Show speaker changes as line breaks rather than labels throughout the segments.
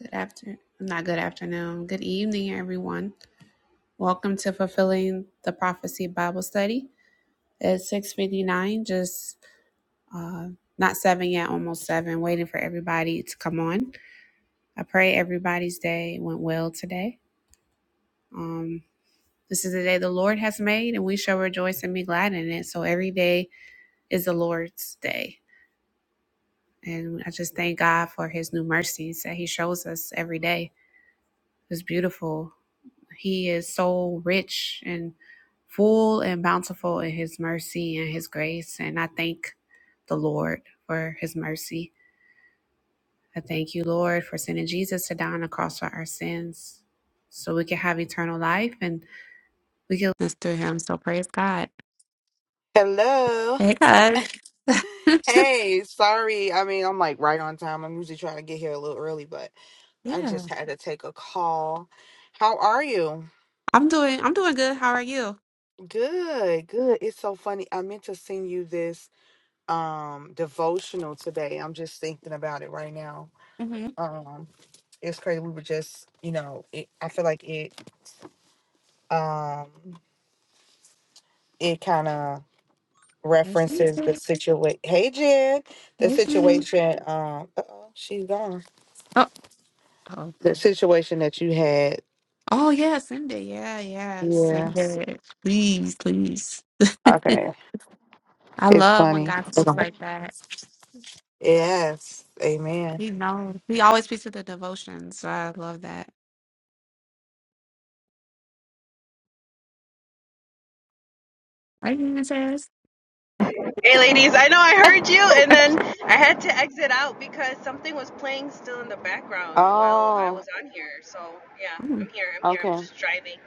Good afternoon, not good afternoon, good evening, everyone. Welcome to Fulfilling the Prophecy Bible Study. It's 6.59, just uh, not 7 yet, almost 7, waiting for everybody to come on. I pray everybody's day went well today. Um, this is the day the Lord has made, and we shall rejoice and be glad in it. So every day is the Lord's day. And I just thank God for his new mercies that he shows us every day. It's beautiful He is so rich and full and bountiful in his mercy and his grace. And I thank the Lord for his mercy. I thank you, Lord, for sending Jesus to die on the cross for our sins so we can have eternal life and we can live through him. So praise God.
Hello.
Hey, God.
Hey, sorry. I mean, I'm like right on time. I'm usually trying to get here a little early, but I
Yeah.
just had to take a call. How are you?
I'm doing I'm doing good. How are you?
Good, good. It's so funny. I meant to send you this um devotional today. I'm just thinking about it right now.
Mm-hmm.
Um it's crazy. We were just, you know, it, I feel like it um it kind of
Nice to meet
references the
you.
situation. Hey, Jen, the
Hey,
situation. Um, uh oh, she's gone
Oh, oh.
the situation that you had.
Oh, yeah. Send it. Yeah, yeah. Send
Yes.
it. Please, please.
Okay.
I
It's
love when
funny.
God speaks
Okay.
like that.
Yes. Amen.
He knows. He always speaks to the devotions. So I love that. Right, even says.
Hey, ladies, I know I heard you, and then I had to exit out because something was playing still in the background while I
Oh,
was on here. So, yeah,
Mm,
I'm here. I'm here. I'm
okay.
just driving.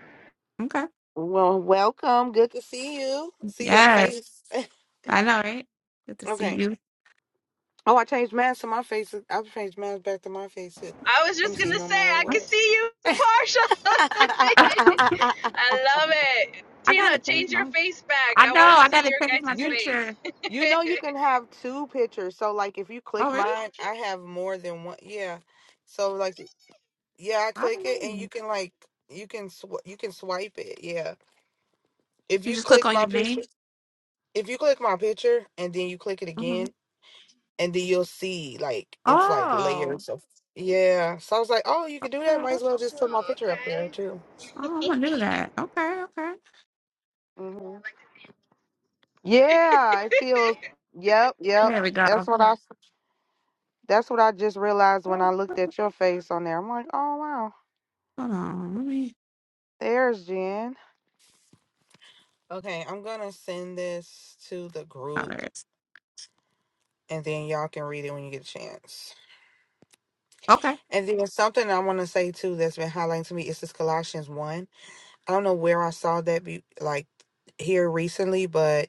okay.
Well, welcome. Good to see you. See your
Yes.
face.
I know, right? Good to see
okay.
you.
Oh, I changed mine to my face. I changed mine back to my face.
I was
Let me
just going
see.
to
No
say,
matter
I can
what.
see you, Parsha. I love it.
I
Tina,
gotta change
change your
my
face back.
I
I
know,
want to
I
see
gotta
your
change my
guys'
you
face.
picture.
you know you can have two pictures. So like if you
Oh
click
really?
mine, I have more than one. Yeah. So like Yeah, I
I
click
don't
it and you
know.
can like you can sw- you can swipe it. Yeah. If
You
you
just click
click
on
my
your
picture,
name.
if you click my picture and then you click it again
hmm
and then you'll see like it's like
Oh.
layers of yeah. So I was like, "Oh, you can do that.
Okay.
Might as well just put my
oh,
picture up there
okay.
too."
Oh, I'm gonna do that. Okay, okay.
hmm Yeah, it feels. Yep, yep.
There we go.
That's what I. s- That's what I just realized when I
Hold
looked at your face on there. I'm like, oh wow,
on. Let me
there's Jen. Okay, I'm going to send this to the
oh
group
there it is.
and then y'all can read it when you get a chance.
Okay.
And then something I want to say too that's been highlighting to me is this Colossians one. I don't know where I saw that be like here recently, but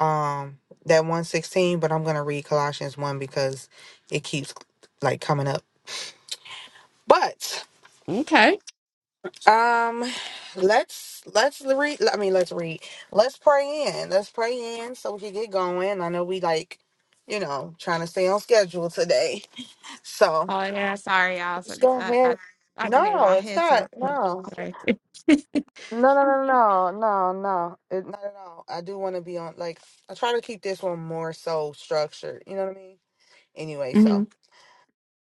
um that one sixteen. But I'm gonna read Colossians one because it keeps like coming up. But
Okay.
um, let's let's read. I mean, let's read. Let's pray in. Let's pray in so we can get going. I know we like you know trying to stay on schedule today. So.
Oh yeah, sorry y'all. So,
Just
so,
go
I I
ahead.
I can get
No,
y'all
it's
heads
not.
up.
No.
Sorry.
No, no, no, no, no, no. It, not at all. I do want to be on, like, I try to keep this one more so structured. You know what I mean? Anyway,
hmm
so,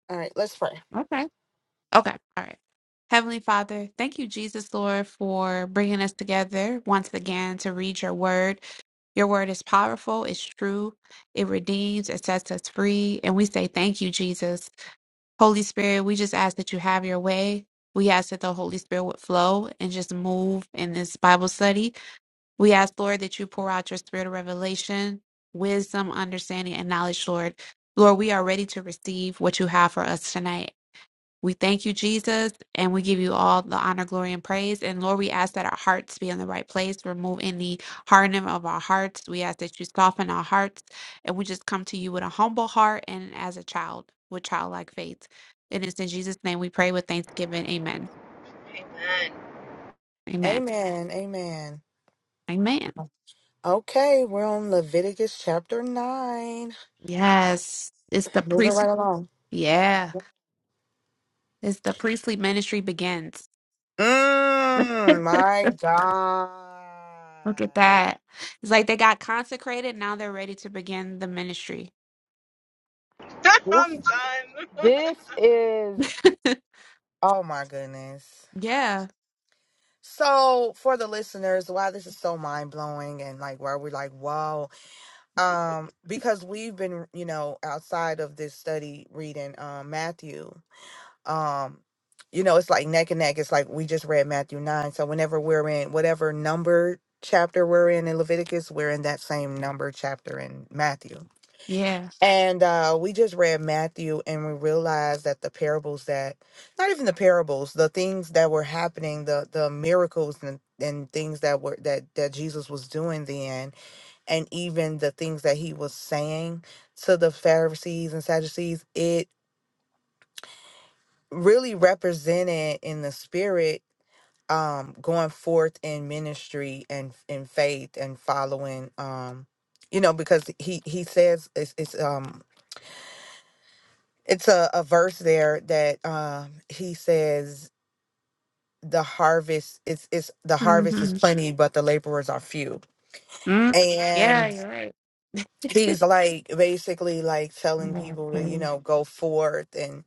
all right, let's pray.
Okay. Okay. All right. Heavenly Father, thank you, Jesus, Lord, for bringing us together once again to read your word. Your word is powerful, it's true, it redeems, it sets us free. And we say thank you, Jesus. Holy Spirit, we just ask that you have your way. We ask that the Holy Spirit would flow and just move in this Bible study. We ask, Lord, that you pour out your spirit of revelation, wisdom, understanding, and knowledge, Lord. Lord, we are ready to receive what you have for us tonight. We thank you, Jesus, and we give you all the honor, glory, and praise. And Lord, we ask that our hearts be in the right place. Remove any hardening of our hearts. We ask that you soften our hearts, and we just come to you with a humble heart and as a child with childlike faith. And it's in Jesus' name we pray with thanksgiving. Amen.
Amen.
Amen.
Amen. Amen.
Amen.
Okay, we're on Leviticus chapter 9.
Yes. It's the
Moving
priest.
right along.
Yeah. It's the priestly ministry begins.
Mm,
Look
my God.
at that. It's like they got consecrated. Now they're ready to begin the ministry.
This,
I'm done.
this is, oh my goodness.
yeah.
So for the listeners, why this is so mind blowing and like why we're like, whoa. Um, because we've been, you know, outside of this study reading um Matthew. Um, you know, it's like neck and neck. It's like we just read Matthew nine. So whenever we're in whatever number chapter we're in in Leviticus, we're in that same number chapter in Matthew.
Yeah.
And uh, we just read Matthew and we realized that the parables that, not even the parables, the things that were happening, the the miracles and, and things that were that that Jesus was doing then, and even the things that he was saying to the Pharisees and Sadducees, it really represented in the spirit um going forth in ministry and in faith and following um you know because he he says it's, it's um it's a, a verse there that um he says the harvest is is the harvest is
Mm-hmm.
plenty but the laborers are few
mm Yeah,
and
you're right.
he's like basically like telling people to you
Mm-hmm.
know go forth and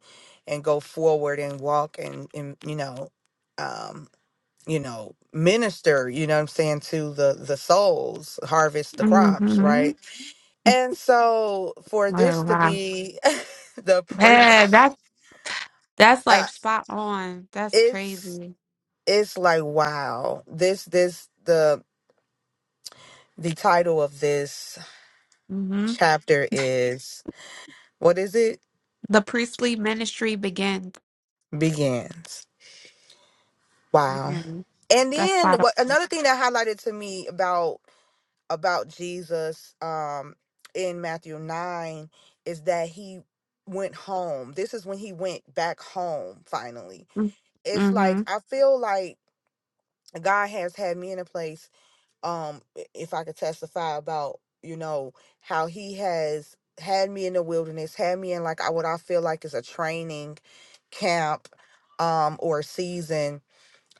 and go forward and walk and and you know um you know minister you know what i'm saying to the the souls harvest the crops
Mm-hmm.
right and so for this
Oh,
to
wow.
be the
Yeah,
priest
that's, that's
uh,
like spot on. That's
it's
crazy.
it's like wow this this the the title of this
Mm-hmm.
chapter is what is it
The priestly ministry begins.
begins wow
And
and
that's
then
spot
what another thing that highlighted to me about about jesus um in matthew 9 is that he went home this is when he went back home finally
on.
it's like
Mm-hmm.
i feel like god has had me in a place um i- if I could testify about, you know, how he has had me in the wilderness, had me in like I what I feel like is a training camp um or season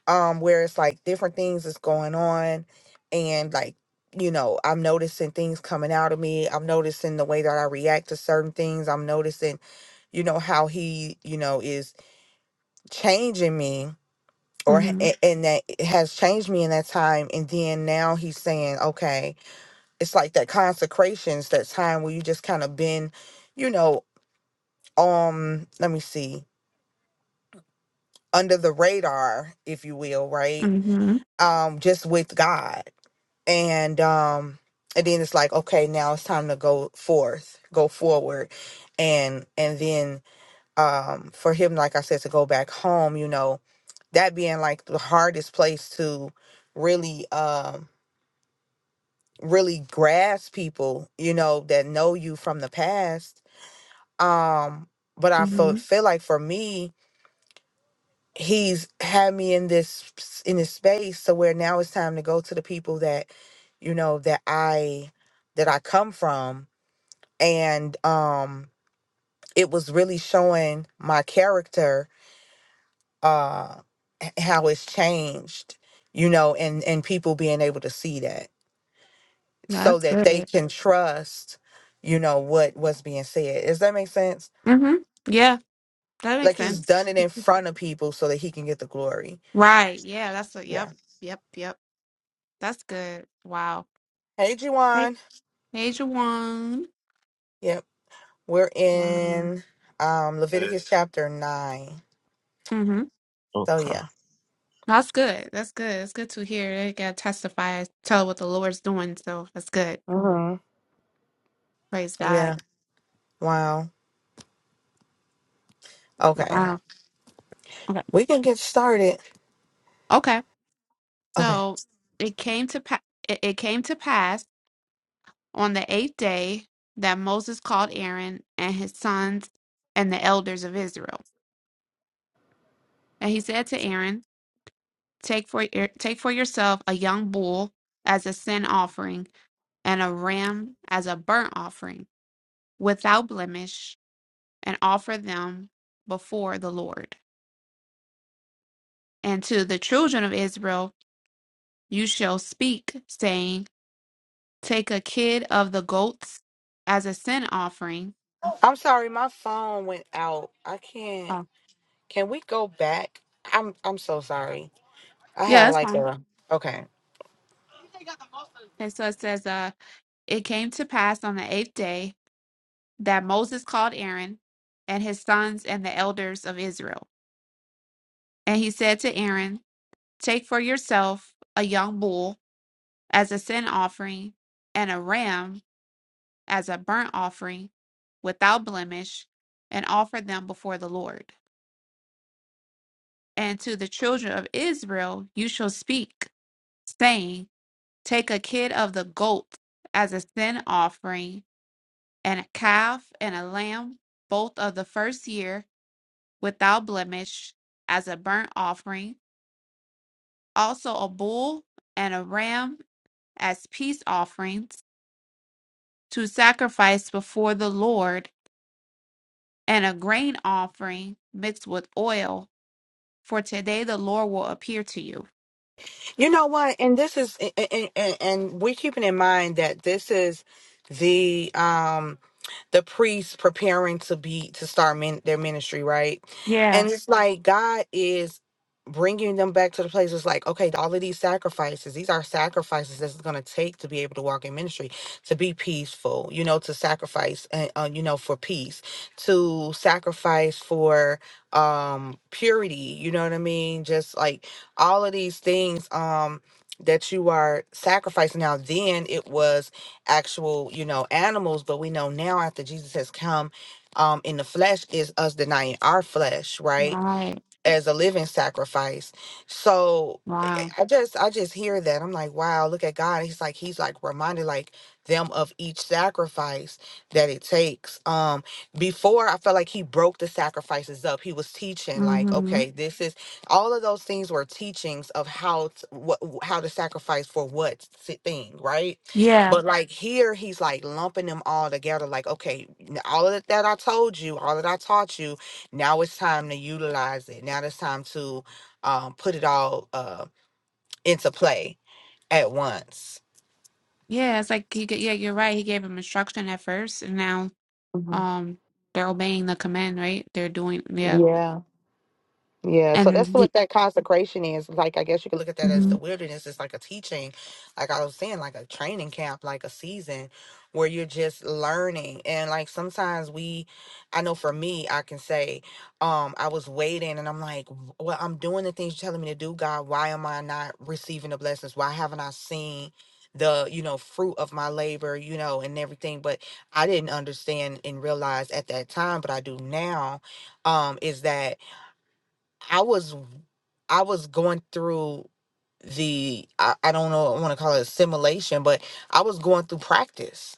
um where it's like different things is going on and like you know, I'm noticing things coming out of me. I'm noticing the way that I react to certain things. I'm noticing, you know, how he, you know, is changing me or h-
Mm-hmm.
a- and that it has changed me in that time and then now he's saying, "Okay, it's like that consecration's that time where you just kind of been, you know, um, let me see, under the radar, if you will, right?
Mm-hmm.
Um, just with God. And um, and then it's like, okay, now it's time to go forth, go forward. And and then um for him, like I said, to go back home, you know, that being like the hardest place to really um really grasp people, you know, that know you from the past um but i feel
Mm-hmm.
feel like for me he's had me in this s- in this space to where now it's time to go to the people that you know that i that i come from and um it was really showing my character uh h- how it's changed you know and and people being able to see that so
That's
that they
good.
can trust you know what what's being said does that make sense
Mm-hmm. Yeah, that
like
makes
he's
sense.
done it in front of people so that he can get the glory
Right. Yeah, that's what
Yeah.
yep. Yep. Yep. That's good. Wow.
Hey,
Hey.
Juwan.
Hey Jawan.
Yep. We're
Wow.
in um Leviticus chapter 9.
Mm-hmm.
So,
Okay.
yeah.
That's good. That's good. It's good to hear. They gotta testify, tell what the Lord's doing. So that's good.
hmm
Praise God.
Yeah. Wow. Okay.
Wow. Okay.
We can get started.
Okay.
Okay.
So it came to pass. It it came to pass on the eighth day that Moses called Aaron and his sons and the elders of Israel. And he said to Aaron, Take for take for yourself a young bull as a sin offering and a ram as a burnt offering without blemish and offer them before the Lord. And to the children of Israel you shall speak, saying, Take a kid of the goats as a sin offering.
I'm sorry. My phone went out. I can't.
Oh,
Can we go back? I'm I'm so sorry. I
yeah,
had
that's
like
fine.
a. Okay.
And so it says, uh, It came to pass on the eighth day that Moses called Aaron and his sons and the elders of Israel. And he said to Aaron, Take for yourself a young bull as a sin offering and a ram as a burnt offering without blemish, and offer them before the Lord. And to the children of Israel you shall speak, saying, Take a kid of the goat as a sin offering, and a calf and a lamb, both of the first year without blemish as a burnt offering, also a bull and a ram as peace offerings to sacrifice before the Lord, and a grain offering mixed with oil. For today the Lord will appear to you.
You know what? And this is, and, and, and we're keeping in mind that this is the um the priests preparing to be to start min, their ministry, right?
Yeah,
And it's like God is bringing them back to the place. It's like, okay, all of these sacrifices, these are sacrifices that's going to take to be able to walk in ministry, to be peaceful, you know, to sacrifice and uh, you know for peace, to sacrifice for um purity. You know what I mean? Just like all of these things um that you are sacrificing now then it was actual you know animals but we know now after jesus has come um in the flesh is us denying our flesh right
right.
as a living sacrifice so
Wow.
I just I just hear that. I'm like, wow, look at God. He's like he's like reminded like them of each sacrifice that it takes. Um before I felt like he broke the sacrifices up. He was teaching like,
Mm-hmm.
okay, this is all of those things were teachings of how t- what how to sacrifice for what si- thing, right?
Yeah,
But like here he's like lumping them all together like, okay, n- all of that that I told you, all that I taught you, now it's time to utilize it. Now it's time to um, put it all. Uh, into play at once.
yeah. It's like he, g- yeah, you're right. He gave him instruction at first, and now
hmm
um they're obeying the command, right? They're doing yeah,
Yeah. Yeah, so
and
that's
the,
what that consecration is. Like, I guess you could look at that as
mm-hmm.
the wilderness. It's like a teaching, like I was saying, like a training camp, like a season where you're just learning. And like sometimes we, I know for me, I can say, um, I was waiting and I'm like, "W- well, I'm doing the things you're telling me to do, God. Why am I not receiving the blessings? Why haven't I seen the, you know, fruit of my labor, you know, and everything? But I didn't understand and realize at that time, but I do now, um, is that. I was I was going through the I, I don't know I want to call it assimilation, but I was going through practice.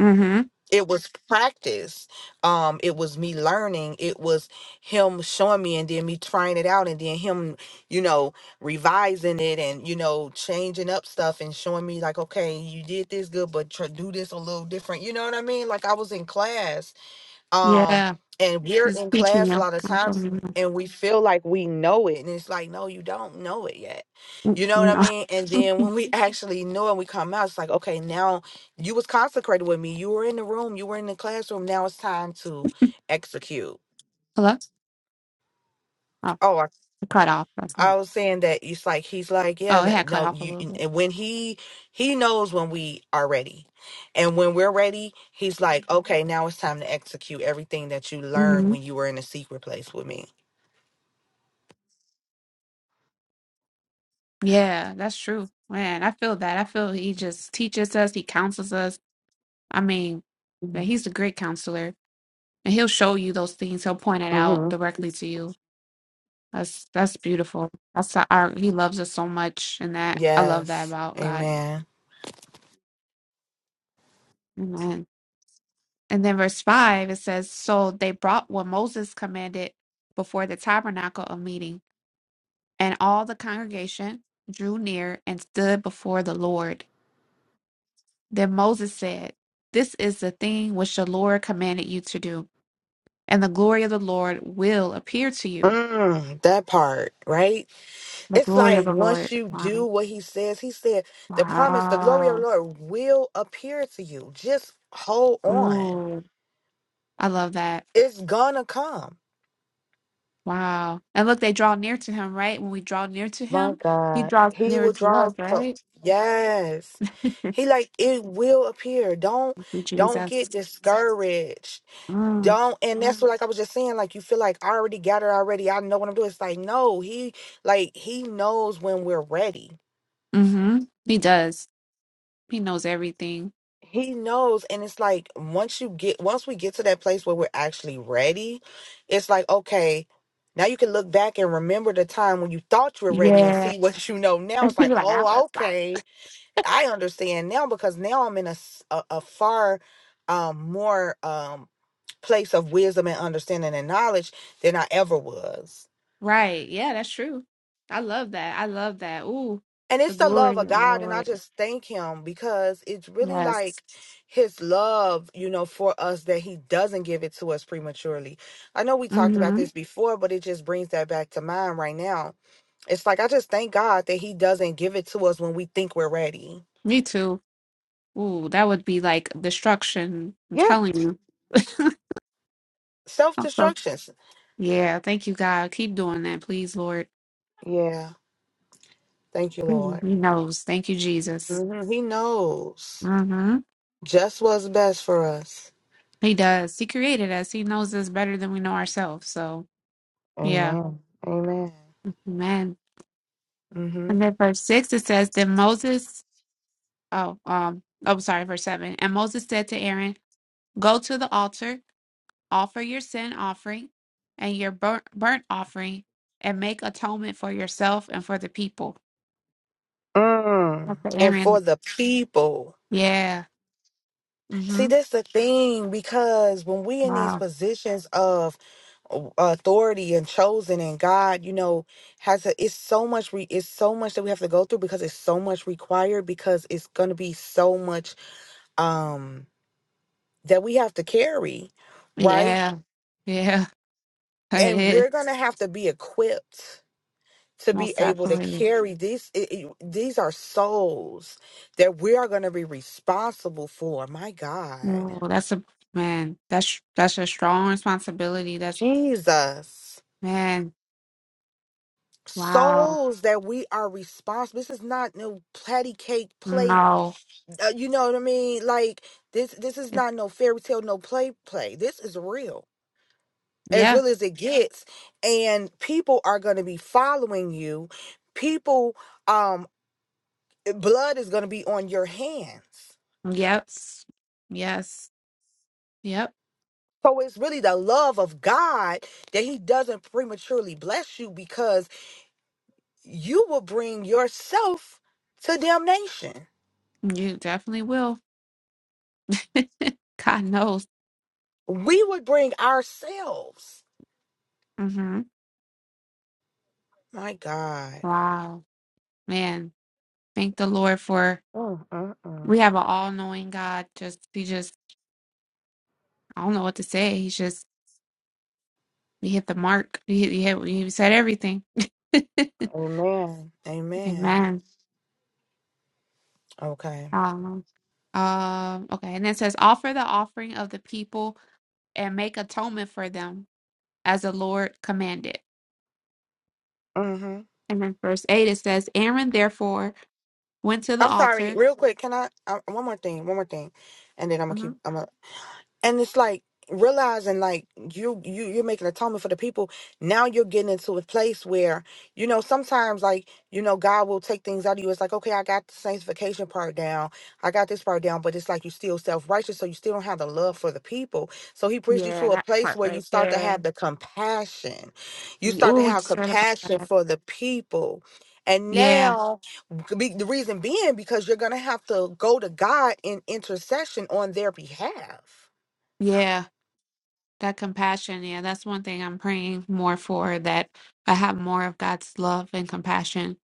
Mm-hmm.
It was practice. Um, it was me learning. It was him showing me and then me trying it out and then him, you know, revising it and, you know, changing up stuff and showing me like, okay, you did this good, but try, do this a little different. You know what I mean? Like I was in class um
Yeah.
and we're in class
Speaking
a
of,
lot of
I'm
times
from
and we feel like we know it and it's like no you don't know it yet
mm,
you know what i
no.
mean and then when we actually know and we come out it's like okay now you was consecrated with me you were in the room you were in the classroom now it's time to execute
Hello? Oh,
oh i,
it cut off. That's all.
I was saying that it's like he's like yeah
Oh, it
n-
had cut
no
off a
you
little bit.
and when he he knows when we are ready and when we're ready he's like okay now it's time to execute everything that you learned
hmm
when you were in a secret place with me
Yeah, that's true. Man, I feel that. I feel he just teaches us, he counsels us. I mean, man, he's a great counselor. And he'll show you those things. He'll point it out
hmm
directly to you. That's that's beautiful. That's the- our he loves us so much and that I love that
Yes.
about God.
Amen.
Amen. And then verse five it says, So they brought what Moses commanded before the tabernacle of meeting And all the congregation drew near and stood before the Lord. Then Moses said, This is the thing which the Lord commanded you to do, and the glory of the Lord will appear to you.
Mm, that part, right?
The
It's
glory of
like
the
once
Lord.
you do
Wow.
what he says, he said, the promise, the glory of the
Wow.
Lord will appear to you. Just hold on.
Ooh. I love that.
It's gonna come.
Wow. And look, they draw near to him, right? When we draw near to
My
him, he
God.
draws
He
nearer
will
to
draw
us,
close.
right?
Yes.
Thank
He like it will appear. Don't
you,
don't
Jesus.
get discouraged.
Mm.
don't and that's what like i was just saying like you feel like i already got it already i know what i'm doing it's like no he like he knows when we're ready
hmm He does. He knows everything.
he knows and it's like once you get once we get to that place where we're actually ready it's like okay now you can look back and remember the time when you thought you were ready and
Yeah.
see what you know now it's
He
like
like, I was
oh
lying.
okay i understand now because now i'm in a s- a, a far um more um place of wisdom and understanding and knowledge than i ever was
Right. Yeah, that's true. I love that. I love that. Ooh,
And
the
it's the
glory
love of
of the
God. And I
Lord.
just thank him because it's really
Yes.
like his love, you know, for us that he doesn't give it to us prematurely. I know we talked about
Mm-hmm.
this before, but it just brings that back to mind right now. It's like, I just thank God that he doesn't give it to us when we think we're ready.
Me too. Ooh, that would be like destruction. I'm
Yeah.
telling you.
Self
Also,
destructions.
yeah, thank you, God. Keep doing that, please, Lord.
Yeah. Thank you, Lord.
Mm, He knows. Thank you, Jesus.
Mhm. He knows
Mm-hmm.
just what's best for us.
He does. He created us. He knows us better than we know ourselves. So, yeah.
Amen. Amen.
Amen.
Mm-hmm.
And then verse 6, it says, Then Moses, oh, um, oh, sorry, verse 7. And Moses said to Aaron, Go to the altar, offer your sin offering and your burnt, burnt offering, and make atonement for yourself and for the people.
Mm.
Okay,
And for
Aaron.
the people.
Yeah.
See,
Mm-hmm.
that's the thing because when we in these
Wow.
positions of uh, authority and chosen and God, you know, has a it's so much re, it's so much that we have to go through because it's so much required because it's going to be so much um that we have to carry, right?
Yeah. Yeah. It
And
is
we're going to have to be equipped to be
most
able to
definitely.
carry these it, it- these are souls that we are going to be responsible for. My God.
Oh, that's a man. That's that's a strong responsibility. That's
Jesus.
man. Wow.
souls that we are responsible. This is not no patty cake play.
No.
Uh, you know what I mean? Like this. This is
It,
not no fairy tale, no play play. This is real, as
yeah.
real as it Yeah. gets. And people are going to be following you. People, um, blood is going to be on your hands.
Yes. Yes. Yep.
So it's really the love of God that He doesn't prematurely bless you because you will bring yourself to damnation.
You definitely will. God knows.
we would bring ourselves.
Mm-hmm.
My God.
Wow, man, thank the Lord for
Mm, mm, mm.
we have an all-knowing God. Just he just I don't know what to say. He's just he hit the mark. He hit, he, hit, he said everything.
Amen. Amen.
Amen.
Okay.
Um, um, okay, and it says offer the offering of the people and make atonement for them as the Lord commanded.
Mm-hmm.
And then verse eight it says Aaron therefore went to the
I'm sorry.
altar.
Real quick, can I? Uh, one more thing. One more thing, and then I'm gonna
hmm
keep. and it's like realizing like you you you're making atonement for the people now you're getting into a place where you know sometimes like you know god will take things out of you it's like okay i got the sanctification part down i got this part down but it's like you still self-righteous so you still don't have the love for the people so he brings you to
Yeah,
a
that
place
part
where you
right
start to
there.
have the compassion you start to
Oh, we
have
just read about
compassion
that.
for the people and
Yeah,
now be- the reason being because you're gonna have to go to god in intercession on their behalf
yeah. That compassion, yeah, that's one thing I'm praying more for that I have more of God's love and compassion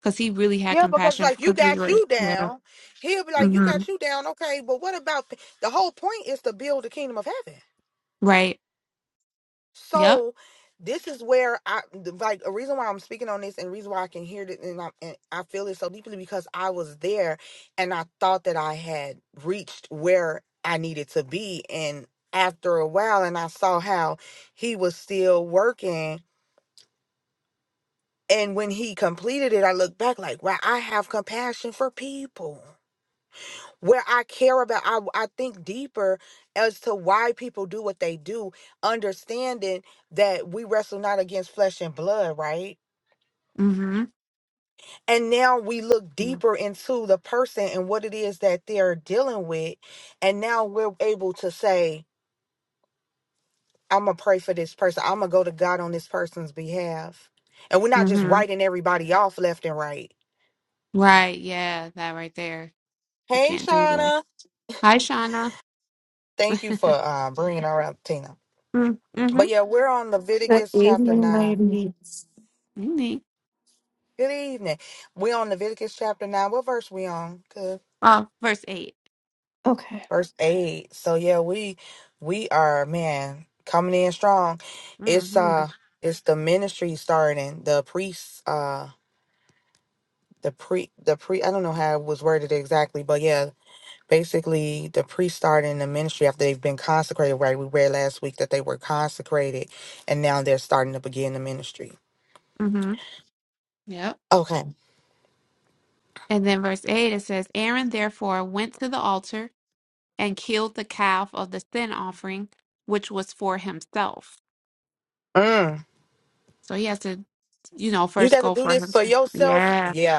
because He really had
Yeah, because
compassion
like you
because we
got
were,
you
yeah,
down. He'll be like, You
mm-hmm,
got you down, okay, but what about th- the whole point is to build the kingdom of heaven.
right, yep,
So this is where I the- like a reason why I'm speaking on this and the reason why I can hear it and I and I feel it so deeply because I was there and I thought that I had reached where I needed to be and after a while and I saw how he was still working and when he completed it I looked back like wow I have compassion for people where I care about, I, I think deeper as to why people do what they do, understanding that we wrestle not against flesh and blood, right?
mm-hmm,
And now we look deeper into the person and what it is that they're dealing with. And now we're able to say, I'm going to pray for this person. I'm going to go to God on this person's behalf. And we're not just
mm-hmm,
writing everybody off left and right.
right, yeah, that right there. We
Hey,
can't do that.
Shauna.
Hi, Shauna.
Thank you for uh, bringing her up, Tina.
mm-hmm,
But yeah, we're on
Good
Leviticus chapter
evening,
9.
ladies.
mm-hmm.
Good evening. we on Leviticus chapter nine. What verse we on? Good.
Oh, verse 8.
Okay.
Verse eight. So yeah, we we are man coming in strong. It's
Mm-hmm,
uh it's the ministry starting. The priests uh the pre the pre I don't know how it was worded exactly, but yeah, basically the priests starting the ministry after they've been consecrated, right? We read last week that they were consecrated and now they're starting to begin the ministry.
mm-hmm, yep.
Okay.
And then verse 8 it says, Aaron therefore went to the altar and killed the calf of the sin offering, which was for himself.
Mm.
So he has to, you know,
You
first
gotta
go
do
for
this for
himself.
yourself.
Yeah.
Yeah.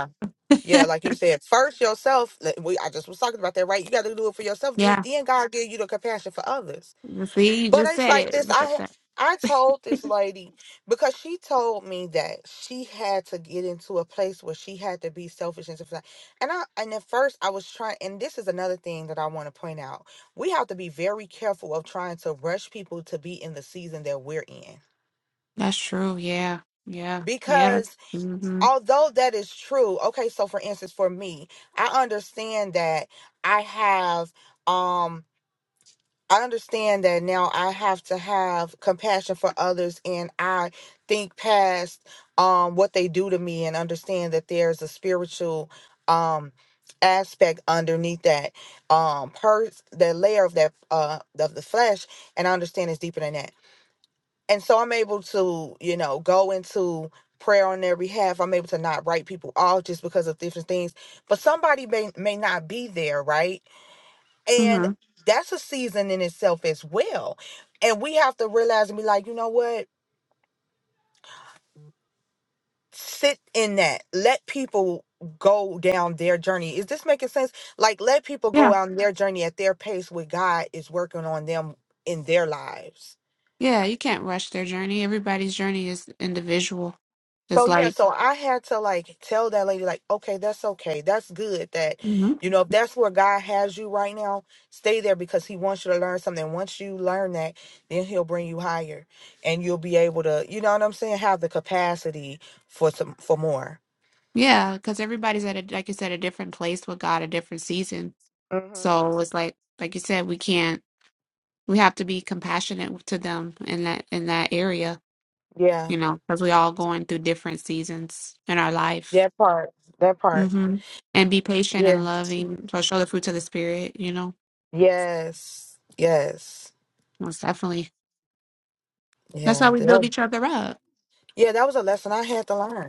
Yeah, like you said, first yourself. like We I just was talking about that, right? You got to do it for yourself. Then,
Yeah.
then God give you the compassion for others.
See, you
But
just
it's
said
like
it.
this.
Look
I
at
had- I told this
that.
lady because she told me that she had to get into a place where she had to be selfish and stuff. like- And I and at first I was trying. And this is another thing that I want to point out. We have to be very careful of trying to rush people to be in the season that we're in
That's true. Yeah. Yeah. yeah.
because.
Mm-hmm.
although that is true okay so for instance for me i understand that i have um i understand that now i have to have compassion for others and i think past um what they do to me and understand that there's a spiritual um aspect underneath that um pers that layer of that uh of the flesh and i understand it's deeper than that and so I'm able to, you know, go into prayer on their behalf. I'm able to not write people off just because of different things. But somebody may may not be there, right? And
Mm-hmm.
that's a season in itself as well. And we have to realize and be like, you know what? Sit in that. Let people go down their journey. Is this making sense? Like let people go
Yeah.
on their journey at their pace where God is working on them in their lives
Yeah. You can't rush their journey. Everybody's journey is individual.
So
It's
yeah,
like,
so I had to like tell that lady like, okay, that's okay. That's good that
Mhm.
you know, if that's where God has you right now, stay there because he wants you to learn something. Once you learn that, then he'll bring you higher and you'll be able to, you know what I'm saying, have the capacity for some for more.
yeah, because everybody's at a, like you said, a different place with God, a different season.
Mhm.
So it's like, like you said, we can't. we have to be compassionate to them in that in that area,
Yeah.
you know, because we all going through different seasons in our life.
That part. That part.
hmm And be patient
Yeah.
and loving. So show the fruits of the spirit, you know.
Yes. Yes.
Most definitely. That's
Yeah.
how we build
that-
each other up.
Yeah, that was a lesson I had to learn.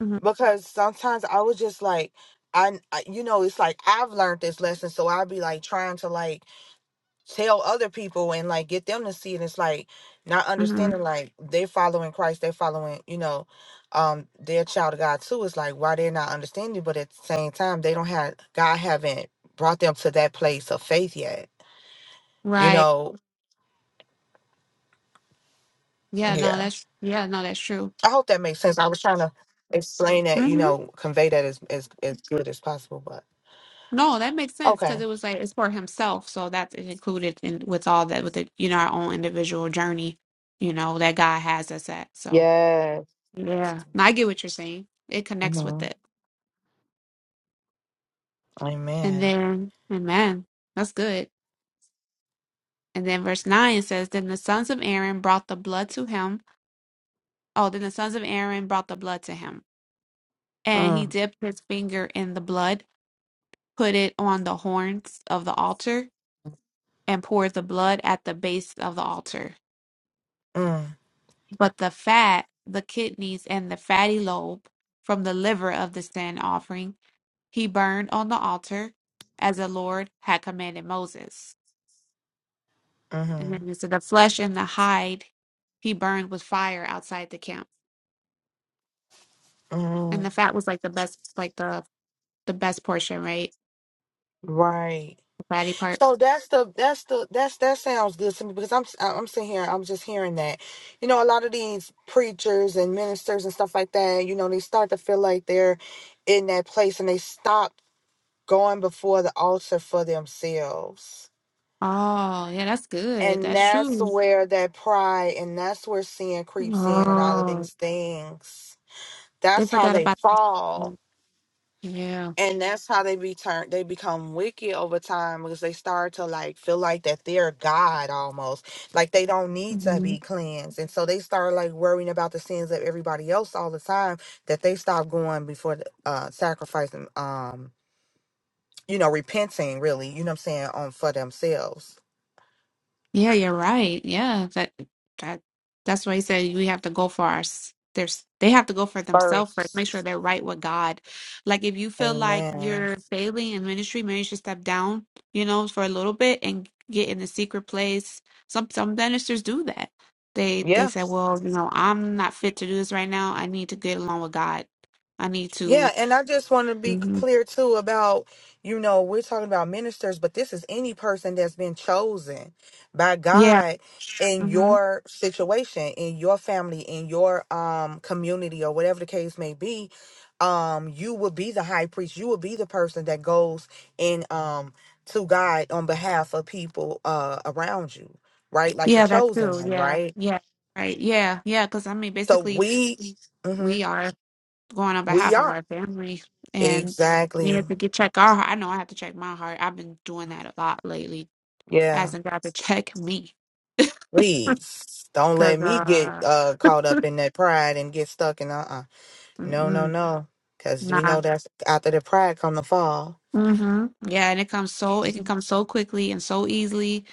hmm
because sometimes I was just like, I, I- you know, it's like I've learned this lesson, so I'd be like trying to like tell other people and like get them to see it. It's like not
hmm
understanding, like they're following Christ, they're following, you know, um, their child of God too. It's like why they're not understanding, but at the same time, they don't have God haven't brought them to that place of faith yet. You
Right.
know,
Yeah, no,
yeah.
that's yeah, no, that's true.
I hope that makes sense. I was trying to explain that, you
hmm
know, convey that as as as good as possible, but
No, that makes sense because
okay.
it was like it's for himself, so that's included in with all that with the you know our own individual journey, you know, that God has us at. So Yeah. No, I get what you're saying. It connects
hmm
with it. And
Amen.
then, amen. That's good. And then verse 9 says, Then the sons of Aaron brought the blood to him. Oh, then the sons of Aaron brought the blood to him. And he
Mm,
dipped his finger in the blood, put it on the horns of the altar, and poured the blood at the base of the altar.
mm,
But the fat, the kidneys, and the fatty lobe from the liver of the sin offering, he burned on the altar as the Lord had commanded Moses. And
mm-hmm,
then it said the flesh and the hide he burned with fire outside the camp.
hmm
And the fat was like the best like the the best portion, right?
Right.
The fatty part.
So that's the that's the that's that sounds good to me because I'm I'm sitting here I'm just hearing that, you know, a lot of these preachers and ministers and stuff like that, you know, they start to feel like they're in that place and they stop going before the altar for themselves.
Oh, yeah, that's good.
And
That's
that's
true.
where that pride and that's where sin creeps in and all of
Oh.
these things.
They
That's how
forgot
they
about
fall
yeah.
and that's how they be turned they become wicked over time because they start to like feel like that they're god almost like they don't need to
Mm-hmm.
be cleansed and so they start like worrying about the sins of everybody else all the time that they stop going before the, uh sacrificing um you know repenting really you know what i'm saying on for themselves
Yeah, you're right. Yeah, that that that's why he said we have to go for our s- there's they have to go for themselves first. Make
first
sure they're right with God. Like if you feel like
amen
you're failing in ministry, maybe you should step down, you know, for a little bit and get in the secret place. Some some ministers do that. They they
yeah
say, well, you know, I'm not fit to do this right now. I need to get along with God. I need
Yeah,
to.
and I just want to be
hmm
clear too about, you know, we're talking about ministers, but this is any person that's been chosen by
Yeah.
God in
hmm
your situation, in your family, in your um community or whatever the case may be. Um, you will be the high priest. You will be the person that goes in um to God on behalf of people uh around you, right? Like the
Yeah, that
chosen
too.
one,
Yeah.
right?
Yeah. Right. Yeah. Yeah. Because I mean,
So
basically,
we mhm,
we are. going on
we
behalf of
are.
our family and we
Exactly.
have to get check our heart. I know I have to check my heart. I've been doing that a lot lately.
Yeah.
Asking God to check me.
Please don't let
Cause
me get
uh
uh caught up in that pride and get stuck in uh uh no no
mm-mm,
no because we know
nah.
that's after the pride come the fall
Mhm. Yeah, and it comes so it can come so quickly and so easily,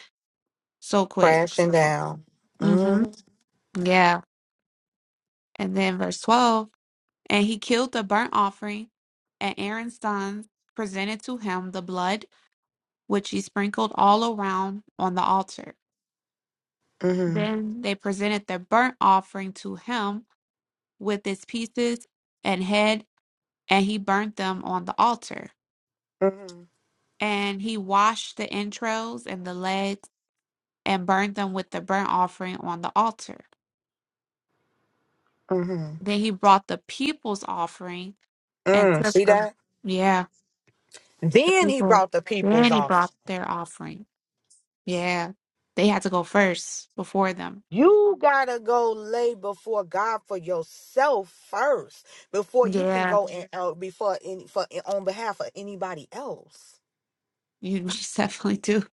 so quick.
crashing
So
down.
mhm.
mm
Yeah. And then verse twelve, and he killed the burnt offering, and Aaron's sons presented to him the blood which he sprinkled all around on the altar.
mm
Then they presented the burnt offering to him with its pieces and head, and he burnt them on the altar.
mm
And he washed the entrails and the legs and burned them with the burnt offering on the altar.
mm
Then he brought the people's offering and
Mm,
took
see
the
that?
yeah, the
Then he
people.
brought the peoples
Then he
on.
brought their offering. Yeah. They had to go first before them.
You gotta go lay before God for yourself first before you can
Yeah.
go and uh, before any for on behalf of anybody else.
You most definitely do.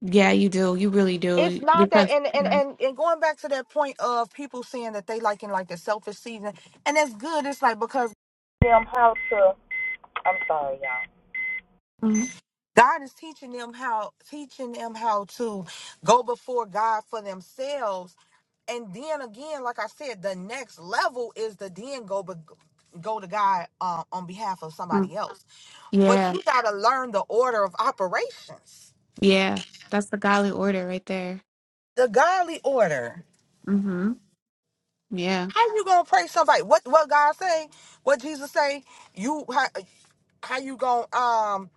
Yeah, you do. You really
it's
do.
not that
Because
and, and and and going back to that point of people saying that they like in like the selfish season and that's good it's like because them how to i'm sorry y'all
Mhm.
god is teaching them how teaching them how to go before god for themselves and then again like i said the next level is to then go be, go to god uh, on behalf of somebody else but
Yeah,
you gotta learn the order of operations
yeah. That's the godly order right there.
the godly order
Mm-hmm. Yeah.
How you gonna praise somebody? What what God say? What Jesus say? You how, how you gonna um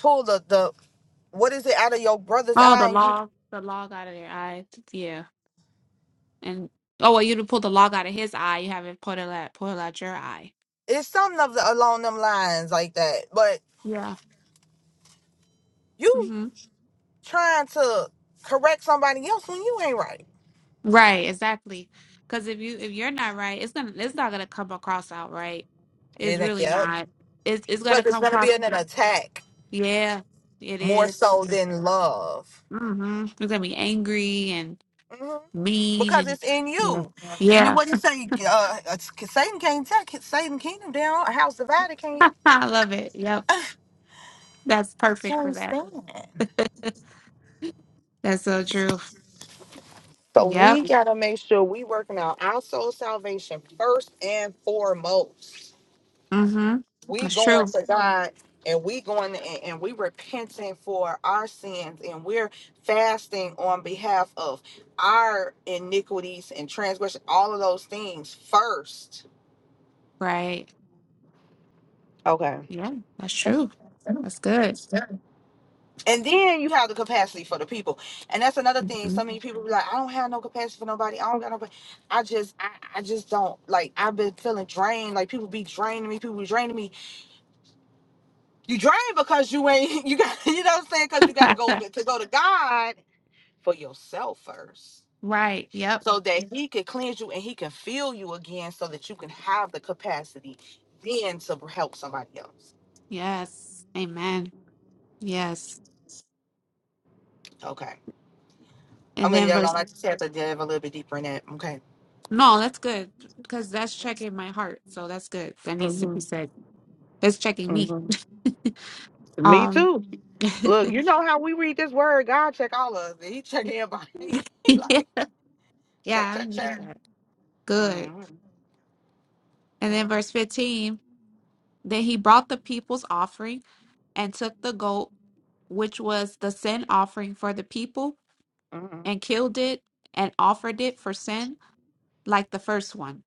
pull the the what is it out of your brother's
Oh, the
eye? And you
log, the log out of their eye. Yeah. And oh, well, you'd pull the log out of his eye. You haven't pulled it out, pulled out your eye.
it's something of the, along them lines like that. But
Yeah.
you
Mm-hmm.
trying to correct somebody else when you ain't right.
Right. Exactly. Because if you if you're not right, it's gonna it's not gonna come across out right. It's
It ain't,
really
yep.
not. It's it's gonna
But it's
come
gonna
across.
be an, an attack
Yeah. It
more
is.
so
Yeah.
than love.
Mm-hmm. You're gonna be angry and
hmm
mean
Because
and
it's in
yeah.
you, and then
Yeah.
what you say? Uh, uh, Satan can't take Satan kingdom down. A house divided can't
I love it. Yep. That's perfect for
can't
that.
stand.
That's so true.
So we
Yep.
gotta make sure we working out our soul salvation first and foremost.
Mm-hmm.
We
That's
going
true.
to God and we going to, and, and we repenting for our sins and we're fasting on behalf of our iniquities and transgression, all of those things first.
Right.
Okay.
Yeah, that's true. That's good.
And then you have the capacity for the people. And that's another thing. So
Mhm.
many people be like, I don't have no capacity for nobody. I don't got nobody. I just I, I just don't like I've been feeling drained. Like people be draining me, people be draining me. You drain because you ain't you got you know what I'm saying? Cause you gotta go to go to God for yourself first.
right. Yep.
So that he can cleanse you and he can fill you again so that you can have the capacity then to help somebody else.
Yes. Amen. Yes.
Okay. I'm
And
gonna leave
then
that alone.
verse
I just have to dive a little bit deeper in that. Okay.
no, that's good because that's checking my heart. So that's good. That needs to
hmm
be said. That's checking me.
hmm Me
um
too.
yeah,
Look, you know how we read this word, God check all of us. He check everybody. he like check,
I
check,
need
check.
that. Good.
Mm-hmm.
And then verse
Mm-hmm.
15, then he brought the people's offering and took the goat, which was the sin offering for the people,
Mm-hmm.
and killed it, and offered it for sin, like the first one.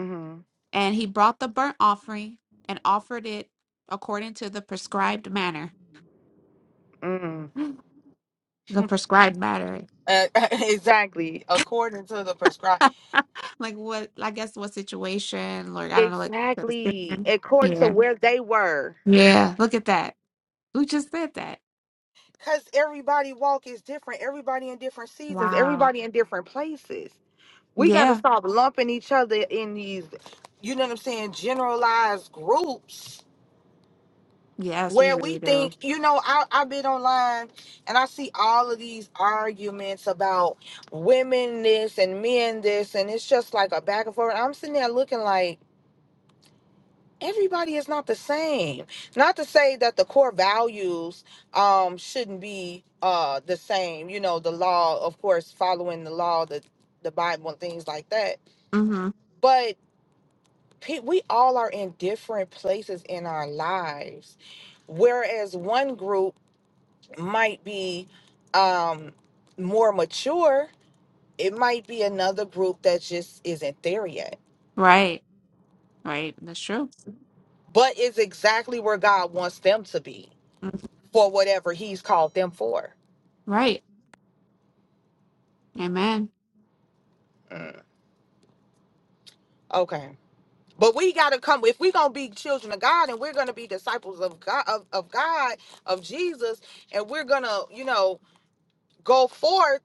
Mm-hmm.
And he brought the burnt offering and offered it according to the prescribed manner.
Mm-hmm.
The prescribed manner.
Uh, exactly. According to the prescribed.
like what I guess what situation, like I don't know, like to the
Exactly.
sin.
According to
Yeah.
where they were.
Yeah. Look at that. We just said that.
Because everybody walk is different. Everybody in different seasons.
Wow.
Everybody in different places. We got to
Yeah.
stop lumping each other in these, you know what I'm saying, generalized groups
Yes, we
where we
really do.
think, you know, I, I've been online and I see all of these arguments about women this and men this, and it's just like a back and forth. I'm sitting there looking like everybody is not the same. Not to say that the core values um shouldn't be uh the same, you know, the law, of course, following the law, the the Bible and things like that.
Mm-hmm.
But pe- we all are in different places in our lives whereas one group might be um more mature it might be another group that just isn't there yet
Right. Right. That's true.
but is exactly where god wants them to be
Mhm.
for whatever he's called them for
Right. Amen.
Mm, okay but we got to come if we're going to be children of god and we're going to be disciples of god of, of god of jesus and we're going to you know go forth